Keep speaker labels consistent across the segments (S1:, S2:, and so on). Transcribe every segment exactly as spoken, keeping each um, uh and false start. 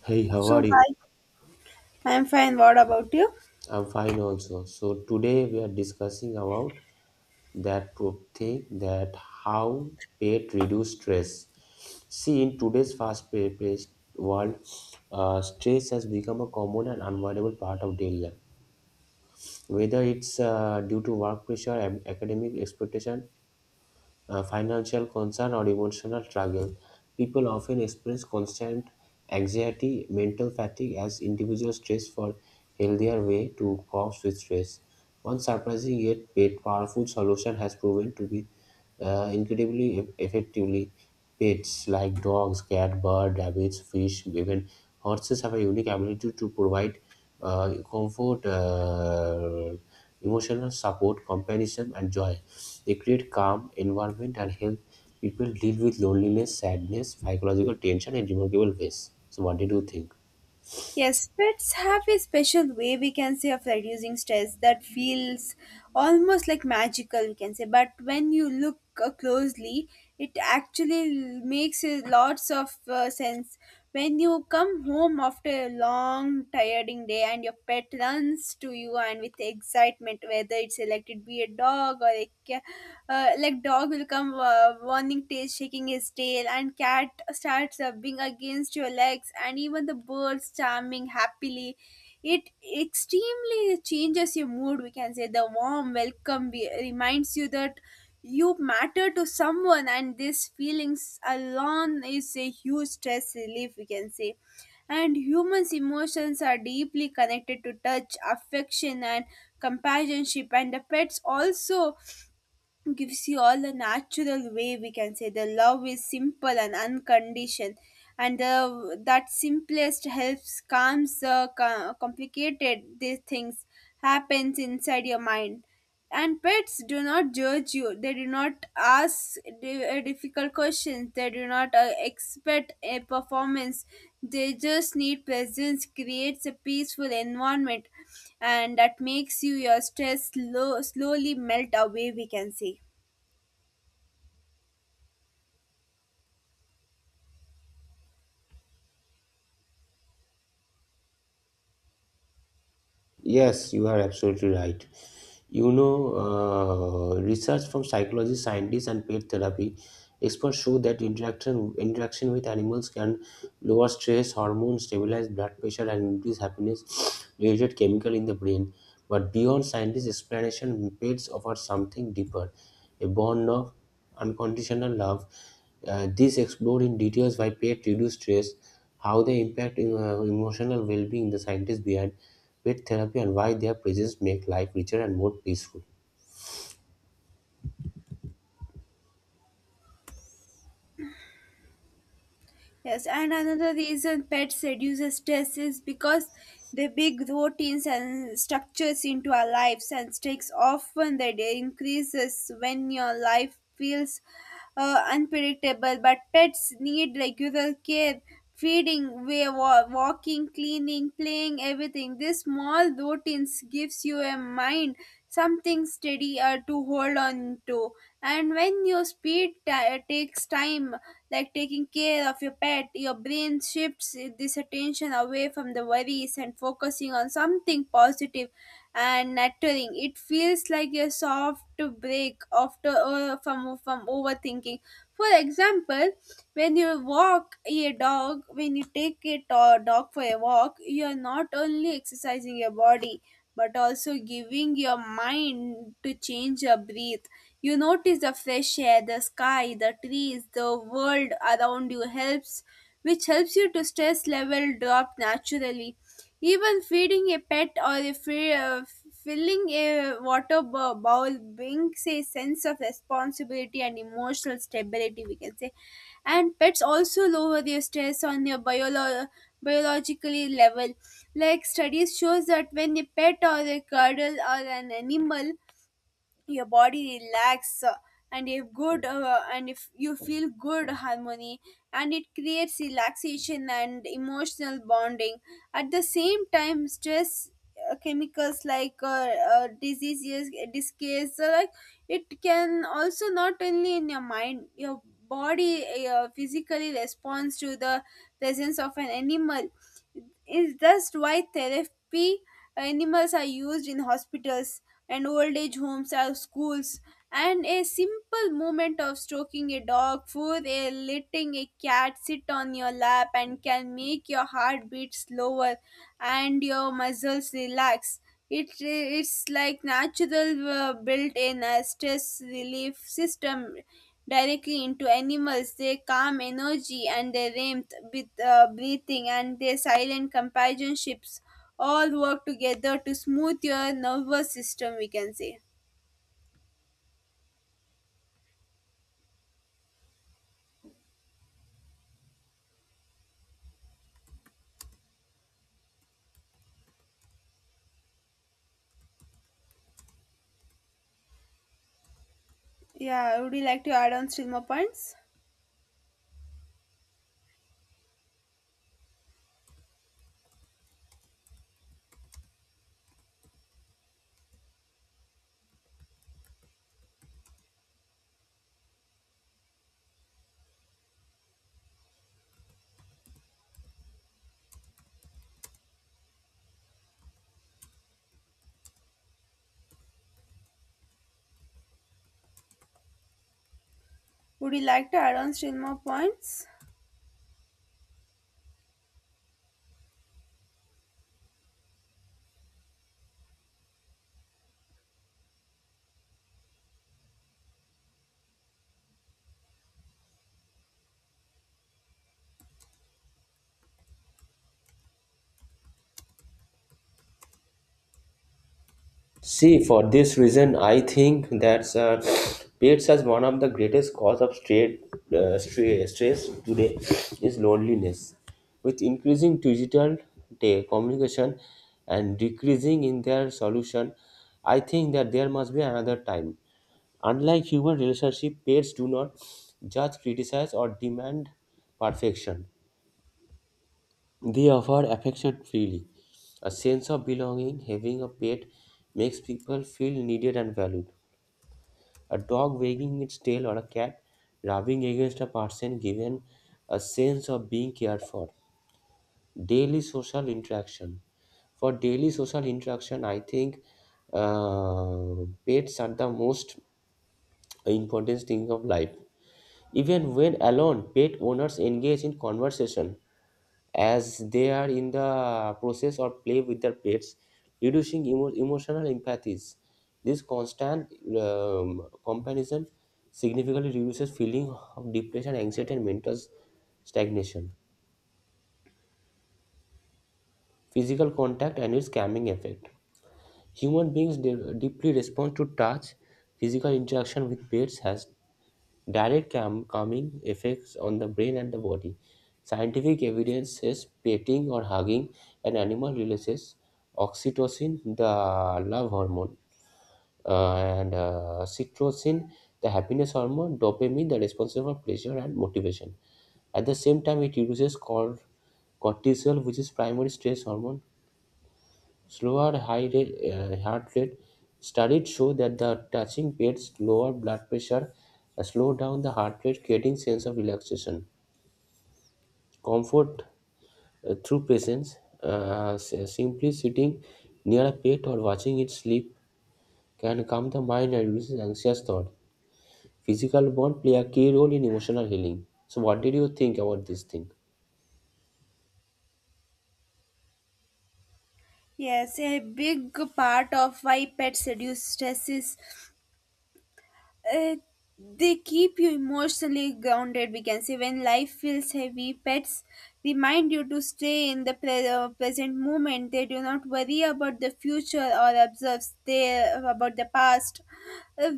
S1: Hey, how
S2: So,
S1: are you?
S2: hi, I'm fine. What about you?
S1: I'm fine also. So today we are discussing about that pro- thing that how pet reduce stress. See, in today's fast-paced world, uh, stress has become a common and unavoidable part of daily life. Whether it's uh, due to work pressure and academic expectation uh, financial concern, or emotional struggle. People often experience constant anxiety, mental fatigue as individual stress for healthier way to cope with stress. One surprising yet powerful solution has proven to be uh, incredibly eff- effectively. Pets like dogs, cat, bird, rabbits, fish, even horses have a unique ability to provide uh, comfort, uh, emotional support, companionship, and joy. They create calm environment and help people deal with loneliness, sadness, psychological tension in remarkable ways. So, what did you think?
S2: Yes, pets have a special way, we can say, of reducing stress that feels almost like magical, we can say. But when you look uh, closely, it actually makes a lots of uh, sense. When you come home after a long, tiring day and your pet runs to you and with excitement, whether it's uh, like it be a dog or a cat, uh, like dog will come uh, warning tail, shaking his tail tail and cat starts rubbing against your legs and even the birds charming happily it extremely changes your mood, we can say. The warm welcome be- reminds you that you matter to someone, and these feelings alone is a huge stress relief, we can say. And humans emotions are deeply connected to touch, affection and companionship, and the pets also gives you all the natural way, we can say. The love is simple and unconditioned, and the, that simplest helps calms the co- complicated these things happens inside your mind. And pets do not judge you, they do not ask di- uh, difficult questions, they do not uh, expect a performance. They just need presence, creates a peaceful environment, and that makes you your stress slow, slowly melt away, we can say.
S1: Yes, you are absolutely right. You know, uh, research from psychologists, scientists, and pet therapy experts show that interaction interaction with animals can lower stress hormones, stabilize blood pressure, and increase happiness-related chemical in the brain. But beyond scientists' explanation, pets offer something deeper: a bond of unconditional love. Uh, these explore in details why pets reduce stress, how they impact uh, emotional well-being. The scientists behind with therapy and why their presence make life richer and more peaceful.
S2: Yes, and another reason pets reduces stress is because they big routines and structures into our lives, and stakes often that they increases when your life feels uh, unpredictable. But pets need regular care, feeding, wa- wa- walking, cleaning, playing, everything. These small routines gives you a mind something steady uh, to hold on to. And when your speed ti uh, takes time, like taking care of your pet, your brain shifts this attention away from the worries and focusing on something positive and nurturing. It feels like a soft break after uh, from from overthinking. For example, when you walk a dog, when you take a to- dog for a walk, you are not only exercising your body but also giving your mind to change your breath. You notice the fresh air, the sky, the trees, the world around you helps, which helps you to stress level drop naturally. Even feeding a pet or a fi- uh, filling a water bo- bowl brings a sense of responsibility and emotional stability, we can say. And pets also lower their stress on your biolo- biologically level. Like studies shows that when a pet or a cuddle or an animal, your body relax uh, and if good uh, and if you feel good harmony, and it creates relaxation and emotional bonding. At the same time stress uh, chemicals like uh, uh, diseases discases uh, like, it can also not only in your mind, your body uh, physically responds to the presence of an animal. Is that's why therapy animals are used in hospitals and old age homes or schools. And a simple movement of stroking a dog, food, a letting a cat sit on your lap and can make your heart beat slower and your muscles relax. It, it's like natural uh, built-in uh, stress relief system directly into animals. Their calm energy and their warmth with uh, breathing and their silent companionships all work together to smooth your nervous system, we can say. Yeah, would you like to add on still more points? Would you like to add on still more points?
S1: See, for this reason, I think that uh, pets as one of the greatest cause of stre- uh, stre- stress today is loneliness. With increasing digital te- communication and decreasing in their solution, I think that there must be another time. Unlike human relationship, pets do not judge, criticize, or demand perfection. They offer affection freely. A sense of belonging, having a pet makes people feel needed and valued. A dog wagging its tail or a cat rubbing against a person given a sense of being cared for. Daily social interaction. For daily social interaction, I think uh, pets are the most important thing of life. Even when alone, pet owners engage in conversation as they are in the process or play with their pets, reducing emo- emotional empathies. This constant um, comparison significantly reduces feeling of depression, anxiety, and mental stagnation. Physical contact and its calming effect. Human beings de- deeply respond to touch. Physical interaction with pets has direct calm, calming effects on the brain and the body. Scientific evidence says petting or hugging an animal releases oxytocin, the love hormone, uh, and uh, cytocin, the happiness hormone, dopamine, the responsible for pleasure and motivation. At the same time, it reduces cor- cortisol, which is primary stress hormone. Slower high rate, uh, heart rate studies show that the touching pets lower blood pressure, uh, slow down the heart rate, creating sense of relaxation, comfort uh, through presence. Uh, s- simply sitting near a pet or watching it sleep can calm the mind and reduce anxious thought. Physical bond play a key role in emotional healing. So, what did you think about this thing?
S2: Yes, a big part of why pets reduce stress is, Uh, they keep you emotionally grounded, we can say. When life feels heavy, pets remind you to stay in the pre- uh, present moment. They do not worry about the future or observe stay about the past. Uh,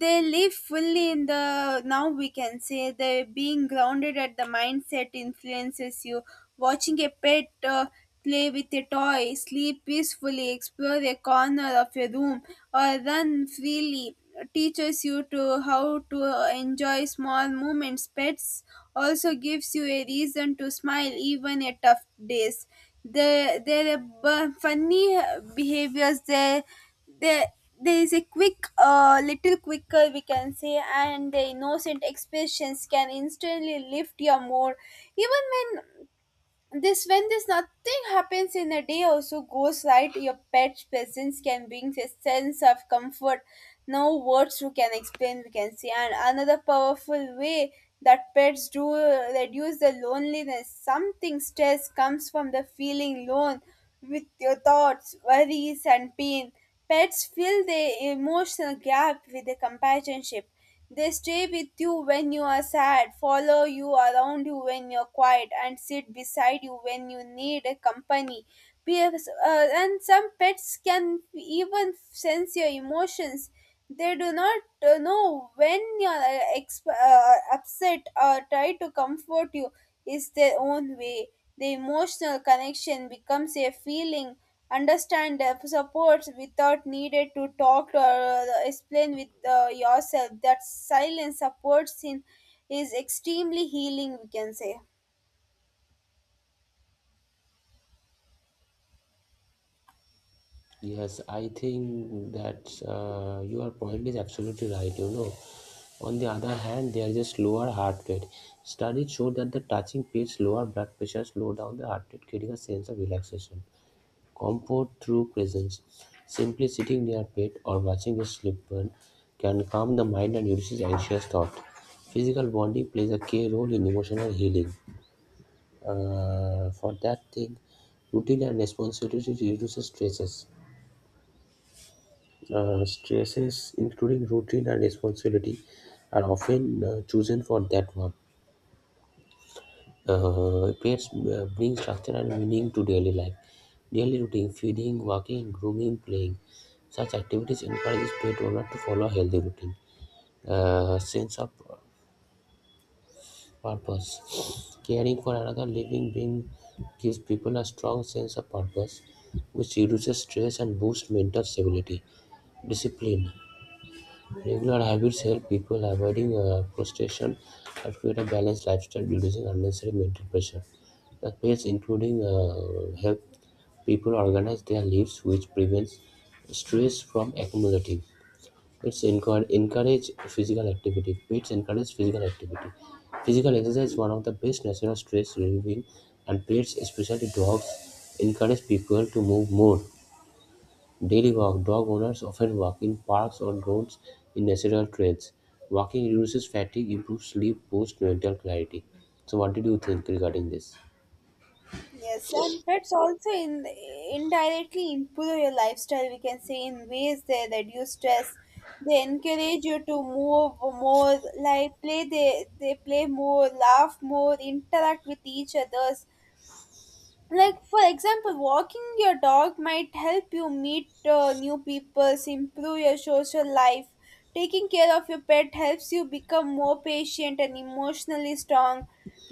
S2: they live fully in the now, we can say. They being grounded at the mindset influences you, watching a pet uh, play with a toy, sleep peacefully, explore a corner of a room or run freely teaches you to how to enjoy small moments. Pets also gives you a reason to smile even at tough days, the their uh, bu- funny behaviors. They there there is a quick uh, little quicker, we can say, and the innocent expressions can instantly lift your mood. Even when this when this nothing happens in a day also goes right, your pet's presence can bring a sense of comfort. No words we can explain, we can say. And another powerful way that pets do uh, reduce the loneliness. Something stress comes from the feeling alone with your thoughts, worries and pain. Pets fill the emotional gap with the companionship. They stay with you when you are sad, follow you around you when you're quiet, and sit beside you when you need a company. Peers, uh, and some pets can even sense your emotions. They do not uh, know when you're uh, exp- uh, upset, or try to comfort you is their own way. The emotional connection becomes a feeling understand uh, supports without needed to talk or uh, explain with uh, yourself. That silence supports in is extremely healing, we can say.
S1: Yes, I think that uh, your point is absolutely right. You know, on the other hand, there is a slower heart rate. Studies show that the touching pits lower blood pressure, slow down the heart rate, creating a sense of relaxation, comfort through presence. Simply sitting near pit or watching a slip burn can calm the mind and reduces anxious thought. Physical bonding plays a key role in emotional healing. Uh, for that thing, routine and responsibility reduces stresses. Uh, stresses, including routine and responsibility, are often uh, chosen for that one. Uh, pets uh, bring structure and meaning to daily life. Daily routine, feeding, walking, grooming, playing. Such activities encourage pet owner to follow a healthy routine. Uh, sense of purpose. Caring for another living being gives people a strong sense of purpose, which reduces stress and boosts mental stability. Discipline. Regular habits help people avoiding uh, frustration and create a balanced lifestyle, reducing unnecessary mental pressure. The pace including uh, help people organize their lives, which prevents stress from accumulating. It's encourage, encourage physical activity. Pets encourage physical activity. Physical exercise is one of the best natural stress relieving, and pets, especially dogs, encourage people to move more. Daily walk dog owners often walk in parks or grounds in natural trails. Walking reduces fatigue, improves sleep, boosts mental clarity. So, what did you think regarding this?
S2: Yes, and pets also in indirectly improve your lifestyle, we can say, in ways they reduce stress. They encourage you to move more, like play. They they play more, laugh more, interact with each others, like for example walking your dog might help you meet uh, new people, improve your social life. Taking care of your pet helps you become more patient and emotionally strong,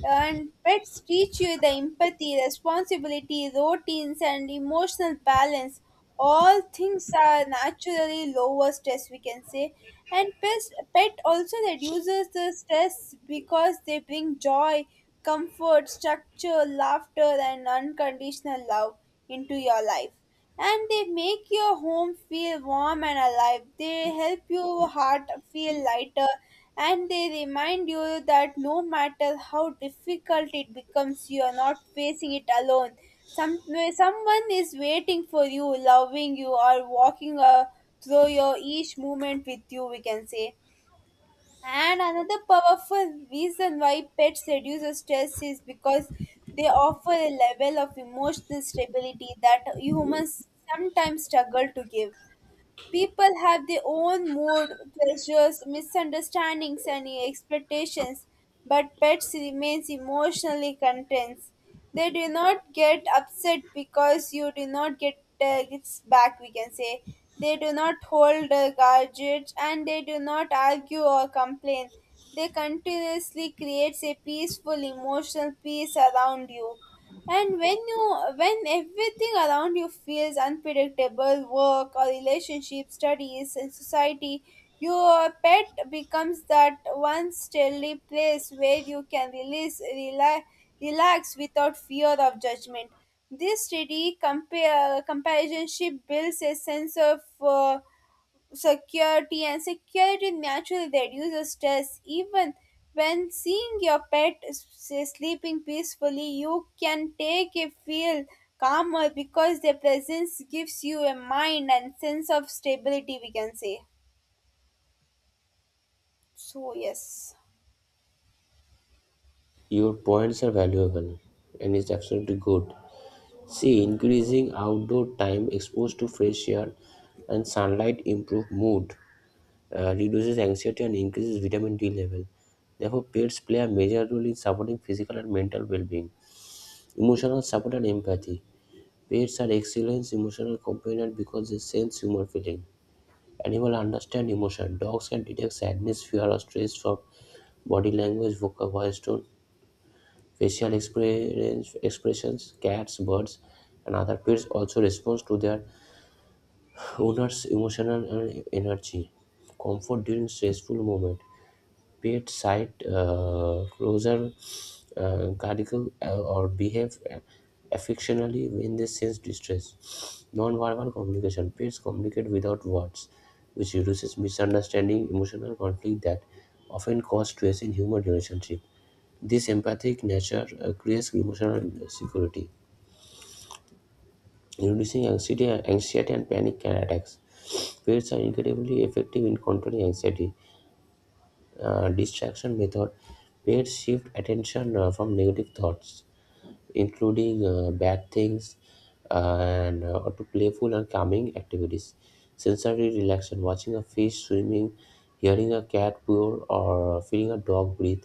S2: and pets teach you the empathy, responsibility, routines and emotional balance. All things are naturally lower stress, we can say. And pets, pet also reduces the stress because they bring joy, comfort, structure, laughter and unconditional love into your life, and they make your home feel warm and alive. They help your heart feel lighter, and they remind you that no matter how difficult it becomes, you are not facing it alone. Some someone is waiting for you, loving you, or walking uh, through your each moment with you, we can say. And another powerful reason why pets reduce stress is because they offer a level of emotional stability that humans sometimes struggle to give. People have their own mood, pleasures, misunderstandings, and expectations, but pets remain emotionally content. They do not get upset because you do not get uh, gifts back, we can say. They do not hold a grudge, and they do not argue or complain. They continuously creates a peaceful emotional peace around you. And when you when everything around you feels unpredictable, work or relationship, studies and society, your pet becomes that one steady place where you can release rela- relax without fear of judgment. This steady compare, comparison ship builds a sense of uh, security, and security naturally reduces stress. Even when seeing your pet s- sleeping peacefully, you can take a feel calmer because their presence gives you a mind and sense of stability, we can say. So yes.
S1: Your points are valuable and it's absolutely good. See, increasing outdoor time exposed to fresh air and sunlight improve mood, uh, reduces anxiety, and increases vitamin D level. Therefore, pets play a major role in supporting physical and mental well being, emotional support, and empathy. Pets are excellent emotional companions because they sense human feeling. Animals understand emotion. Dogs can detect sadness, fear, or stress from body language, vocal voice tone, facial experience, expressions. Cats, birds, and other pets also respond to their owner's emotional and energy. Comfort during stressful moments. Bedside uh, closer uh, cadical uh, or behave uh, affectionately when they sense distress. Non-verbal communication. Pets communicate without words, which reduces misunderstanding, emotional conflict that often cause stress in human relationship. This empathic nature uh, creates emotional security, reducing anxiety, anxiety and panic attacks. Pets are incredibly effective in controlling anxiety uh, distraction method where shift attention uh, from negative thoughts, including uh, bad things, and uh, to playful and calming activities. Sensory relaxation, watching a fish swimming, hearing a cat purr, or feeling a dog breathe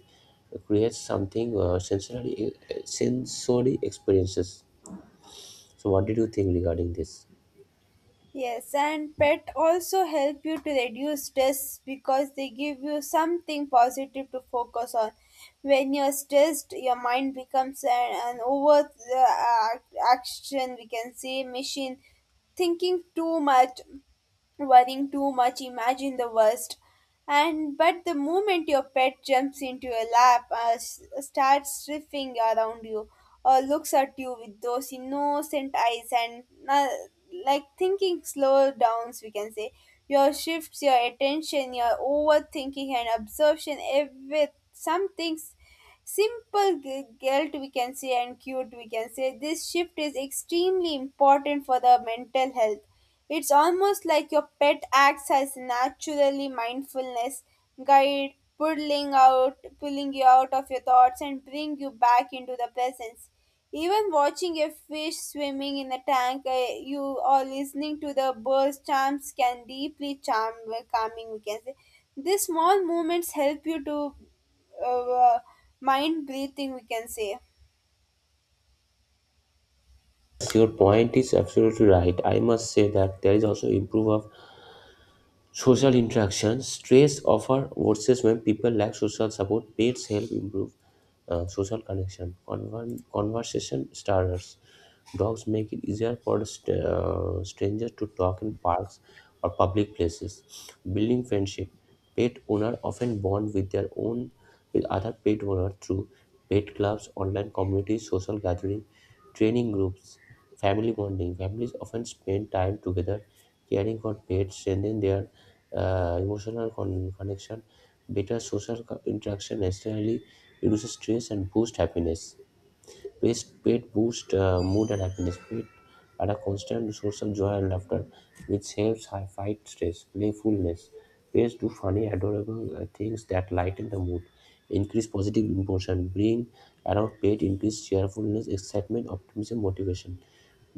S1: creates something uh, sensory, uh, sensory experiences. So, what did you think regarding this?
S2: Yes, and pet also help you to reduce stress because they give you something positive to focus on. When you're stressed, your mind becomes an, an over uh, action, we can say, machine, thinking too much, worrying too much, imagine the worst. And but the moment your pet jumps into your lap uh, s- starts sniffing around you, or looks at you with those innocent eyes and uh, like thinking slow downs, we can say. Your shifts your attention, your overthinking and absorption every some things simple g- guilt, we can say, and cute, we can say. This shift is extremely important for the mental health. It's almost like your pet acts as naturally mindfulness guide, pulling out pulling you out of your thoughts and bring you back into the presence. Even watching a fish swimming in a tank uh, you, or listening to the birds chants can deeply charm calming, we can say. These small movements help you to uh, mind breathing, we can say.
S1: Yes, your point is absolutely right. I must say that there is also improve of social interaction. Stress offer worsens when people lack social support. Pets help improve uh, social connection. Conver- conversation starters. Dogs make it easier for st- uh, strangers to talk in parks or public places. Building friendship. Pet owners often bond with their own with other pet owners through pet clubs, online communities, social gatherings, training groups, family bonding. Families often spend time together caring for pets strengthen their uh, emotional con- connection better social co- interaction necessarily reduces stress and boosts happiness. Waste paid boosts uh, mood and happiness. Pet are a constant source of joy and laughter, which helps high fight stress, playfulness. Pets do funny, adorable uh, things that lighten the mood, increase positive emotion, bring around pet, increase cheerfulness, excitement, optimism, motivation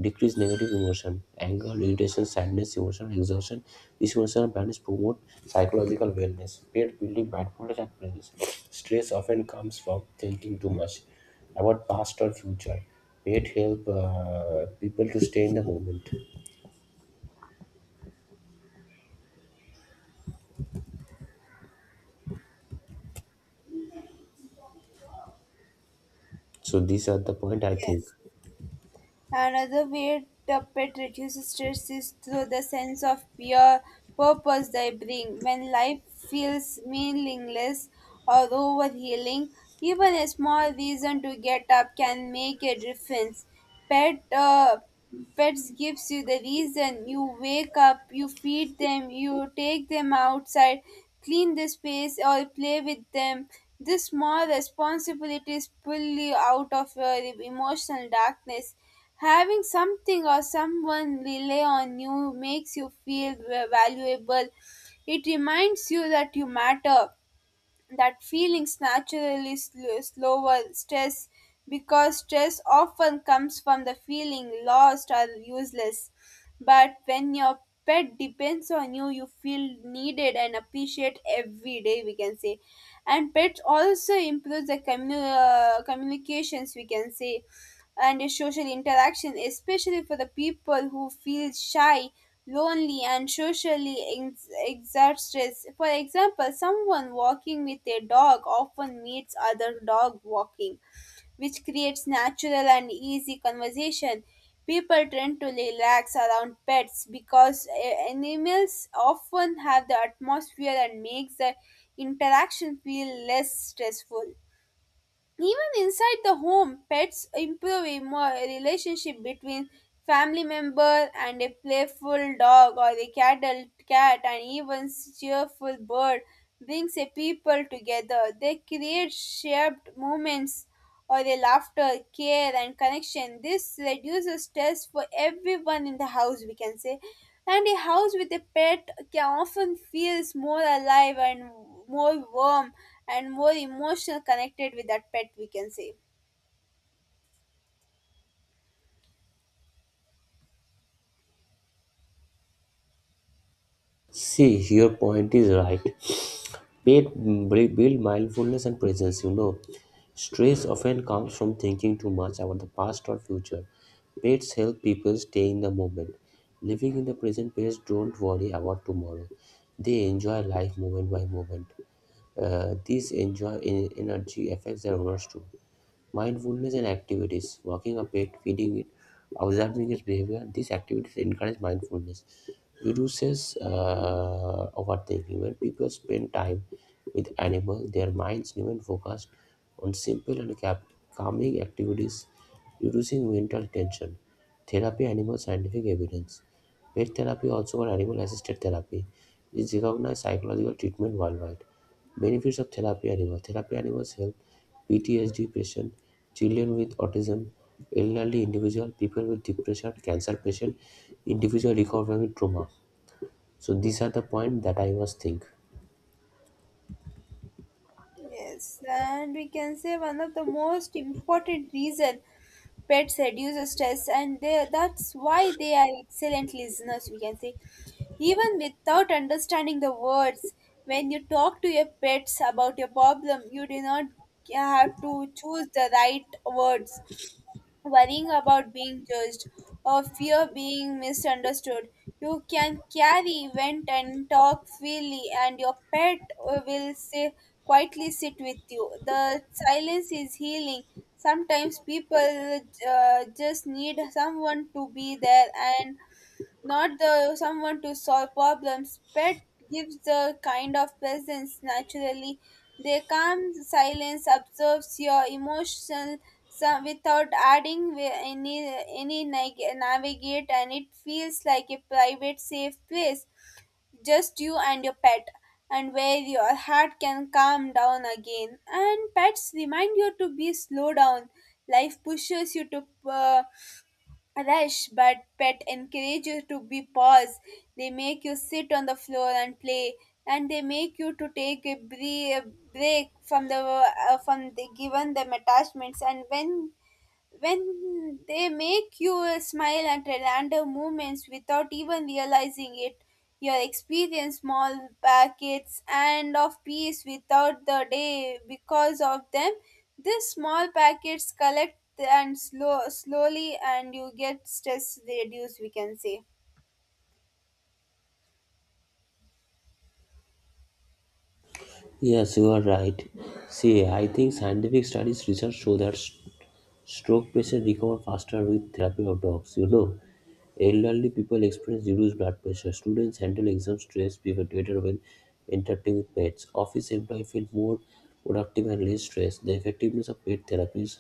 S1: decrease negative emotion, anger, irritation, sadness, emotional exhaustion. These emotional patterns promote psychological wellness. Pet building mindfulness and presence. Stress often comes from thinking too much. About past or future. It help uh, people to stay in the moment. So these are the point I think.
S2: Yes. Another way Puppet reduces stress is through the sense of pure purpose they bring. When life feels meaningless or overhealing, even a small reason to get up can make a difference. Pet uh, Pets gives you the reason. You wake up, you feed them, you take them outside, clean the space or play with them. This small responsibilities pull you out of your emotional darkness. Having something or someone rely on you makes you feel valuable. It reminds you that you matter. That feelings naturally sl- slower stress because stress often comes from the feeling lost or useless. But when your pet depends on you, you feel needed and appreciated every day, we can say. And pets also improves the commu- uh, communications, we can say, and social interaction, especially for the people who feel shy, lonely, and socially ex- exhausted. For example, someone walking with a dog often meets other dog walking, which creates natural and easy conversation. People tend to relax around pets because eh, animals often have the atmosphere and makes the interaction feel less stressful. Even inside the home, pets improve emo- relationship between family member and a playful dog or a cuddled cat and even cheerful bird brings a people together. They create shared moments or a laughter, care, and connection. This reduces stress for everyone in the house, we can say. And a house with a pet can often feels more alive and more warm and more emotional connected with that pet, we can say.
S1: See, your point is right. Pet b- build mindfulness and presence. You know, stress often comes from thinking too much about the past or future. Pets help people stay in the moment. Living in the present, pets don't worry about tomorrow. They enjoy life moment by moment. Uh, this enjoy in energy affects their owners too. Mindfulness and activities, walking a pet, feeding it, observing its behavior, these activities encourage mindfulness. It reduces uh, overthinking. When people spend time with animals, their minds remain focused on simple and cap- calming activities, reducing mental tension. Therapy, animal scientific evidence. Pet therapy, also called animal assisted therapy, is recognized psychological treatment worldwide. Benefits of therapy animals: therapy animals help P T S D patients children with autism, elderly individual, people with depression, cancer patient, individual recovering with trauma. So these are the point that I was think.
S2: Yes, and we can say one of the most important reason pets reduce stress and they, that's why they are excellent listeners, we can say. Even without understanding the words, when you talk to your pets about your problem, you do not have to choose the right words. Worrying about being judged or fear being misunderstood, you can carry, vent, and talk freely, and your pet will say, quietly sit with you. The silence is healing. Sometimes people uh, just need someone to be there and not the someone to solve problems. Pet gives the kind of presence naturally. They calm silence, observes your emotional some without adding wi- any any nag- navigate, and it feels like a private, safe place, just you and your pet, and where your heart can calm down again. And pets remind you to be slow down. Life pushes you to. Uh, rush, but pet encourage you to be paused. They make you sit on the floor and play, and they make you to take a bre- break from the uh, from the given them attachments. And when when they make you smile at random moments without even realizing it, your experience small packets and of peace without the day because of them. These small packets collect and slow slowly, and you get stress reduced, we can say.
S1: Yes, you are right. See, I think scientific studies research show that st- stroke patients recover faster with therapy of dogs. You know, elderly people experience reduced blood pressure. Students handle exam stress better when interacting with pets. Office employees feel more productive and less stressed. The effectiveness of pet therapies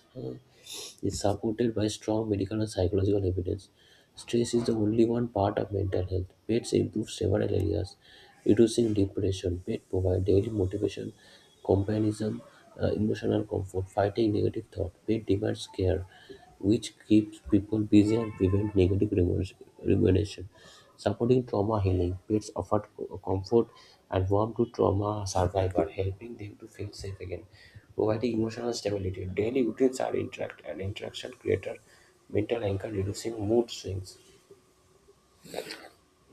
S1: is supported by strong medical and psychological evidence. Stress is the only one part of mental health. Pets improve several areas, reducing depression. Pets provide daily motivation, companionism, uh, emotional comfort, fighting negative thought. Pet demands care, which keeps people busy and prevent negative remorse- rumination. Supporting trauma healing, pets offer co- comfort and warmth to trauma survivor, helping them to feel safe again providing emotional stability. Daily routines are interact and interaction create a mental anchor, reducing mood swings.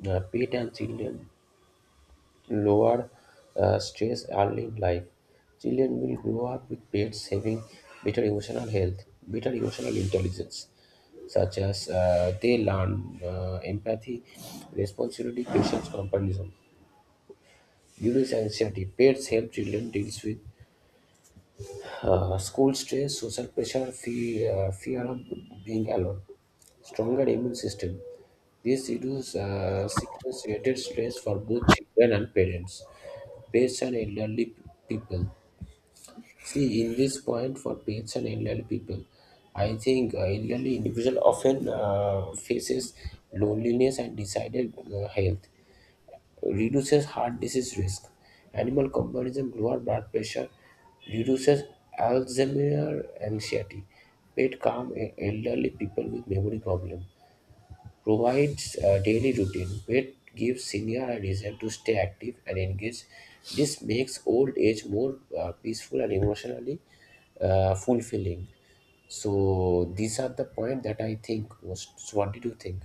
S1: Uh, pet and children lower uh, stress early in life. Children will grow up with pets having better emotional health, better emotional intelligence, such as uh, they learn uh, empathy, responsibility, patience, comparison. During anxiety, pets help children deal with Uh, school stress, social pressure, fear, uh, fear of being alone, stronger immune system. This reduces uh, sickness-related stress for both children and parents, pets and elderly people. See, in this point for pets and elderly people, I think uh, elderly individual often uh, faces loneliness and decided uh, health reduces heart disease risk. Animal comparison, lower blood pressure, reduces Alzheimer's anxiety. Pet calm e- elderly people with memory problem. Provides a daily routine. Pet gives senior a reason to stay active and engaged. This makes old age more uh, peaceful and emotionally uh, fulfilling. So these are the point that I think most. So what did you think?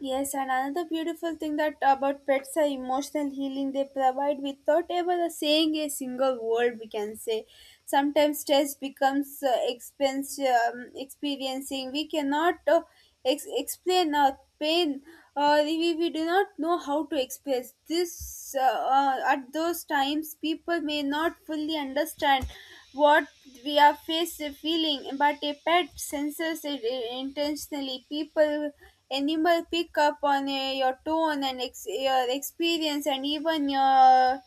S2: Yes, and another beautiful thing that about pets are emotional healing they provide without ever saying a single word. We can say sometimes stress becomes uh, expense um, experiencing. We cannot uh, ex- explain our pain. Uh, we, we do not know how to express this. Uh, uh, at those times, people may not fully understand what we are face feeling, but a pet senses it intentionally. People animal pick up on uh, your tone and ex- your experience and even your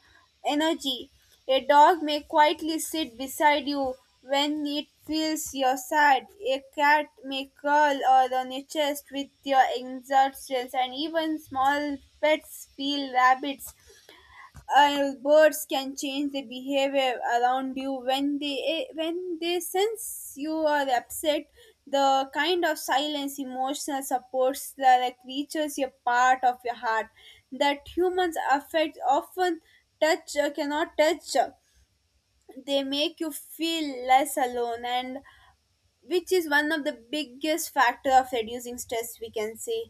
S2: energy. A dog may quietly sit beside you when it feels you're sad. A cat may curl or on your chest with your exertions, and even small pets feel rabbits, uh, birds can change their behavior around you when they eh, when they sense you are upset. The kind of silence emotional supports that the creatures a part of your heart that humans affect often touch uh, cannot touch. They make you feel less alone, and which is one of the biggest factor of reducing stress, we can say.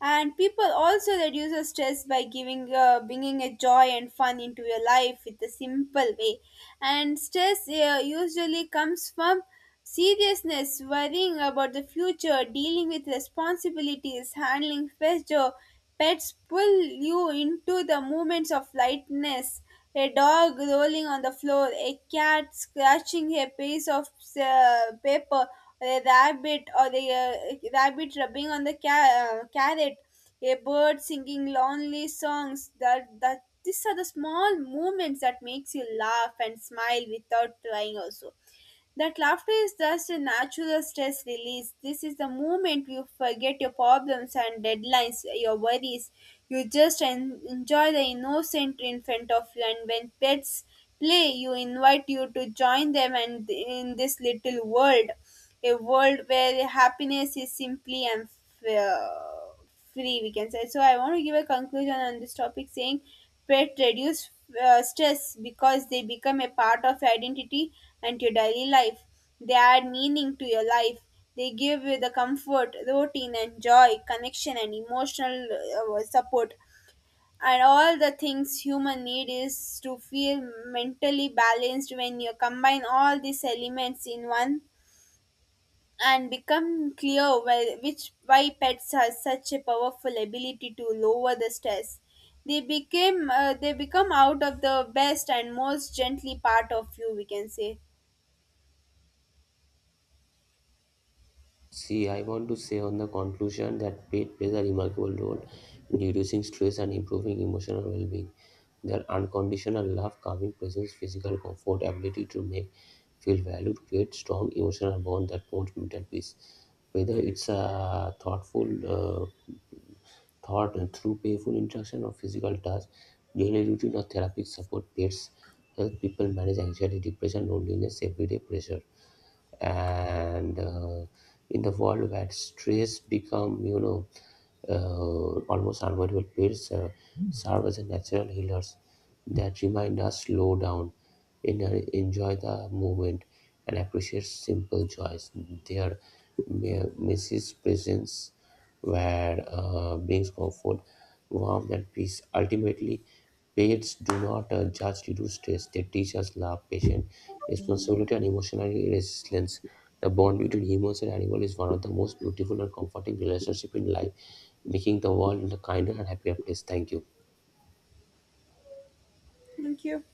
S2: And people also reduce the stress by giving uh, bringing a joy and fun into your life with a simple way. And stress uh, usually comes from seriousness, worrying about the future, dealing with responsibilities, handling pressure. Pets pull you into the moments of lightness. A dog rolling on the floor, a cat scratching a piece of uh, paper, or a rabbit or a uh, rabbit rubbing on the ca- uh, carrot, a bird singing lonely songs. That that these are the small moments that makes you laugh and smile without trying also. That laughter is just a natural stress release. This is the moment you forget your problems and deadlines, your worries. You just en- enjoy the innocent in front of you, and when pets play, you invite you to join them, and in this little world, a world where happiness is simply and f- uh, free, we can say. So I want to give a conclusion on this topic saying pet reduce uh, stress because they become a part of your identity and your daily life. They add meaning to your life. They give you the comfort, routine and joy, connection and emotional uh, support, and all the things human need is to feel mentally balanced. When you combine all these elements in one, and become clear why, which why pets have such a powerful ability to lower the stress. They became uh, they become out of the best and most gently part of you. We can say.
S1: See, I want to say on the conclusion that pain plays a remarkable role in reducing stress and improving emotional well being. Their unconditional love, calming presence, physical comfort, ability to make feel valued create strong emotional bond that promotes mental peace. Whether it's a thoughtful uh, thought through playful interaction or physical touch, daily routine or therapeutic support, pets help people manage anxiety, depression, loneliness, everyday pressure and uh, in the world where stress become you know uh, almost unavoidable periods uh, serve as a natural healers that remind us slow down in, enjoy the moment and appreciate simple joys their me- message presence where uh, brings comfort warmth, and peace. Ultimately, pets do not uh, just reduce stress, they teach us love, patience, responsibility, and emotional resilience. The bond between humans and animals is one of the most beautiful and comforting relationships in life, making the world a kinder and happier place. Thank you.
S2: Thank you.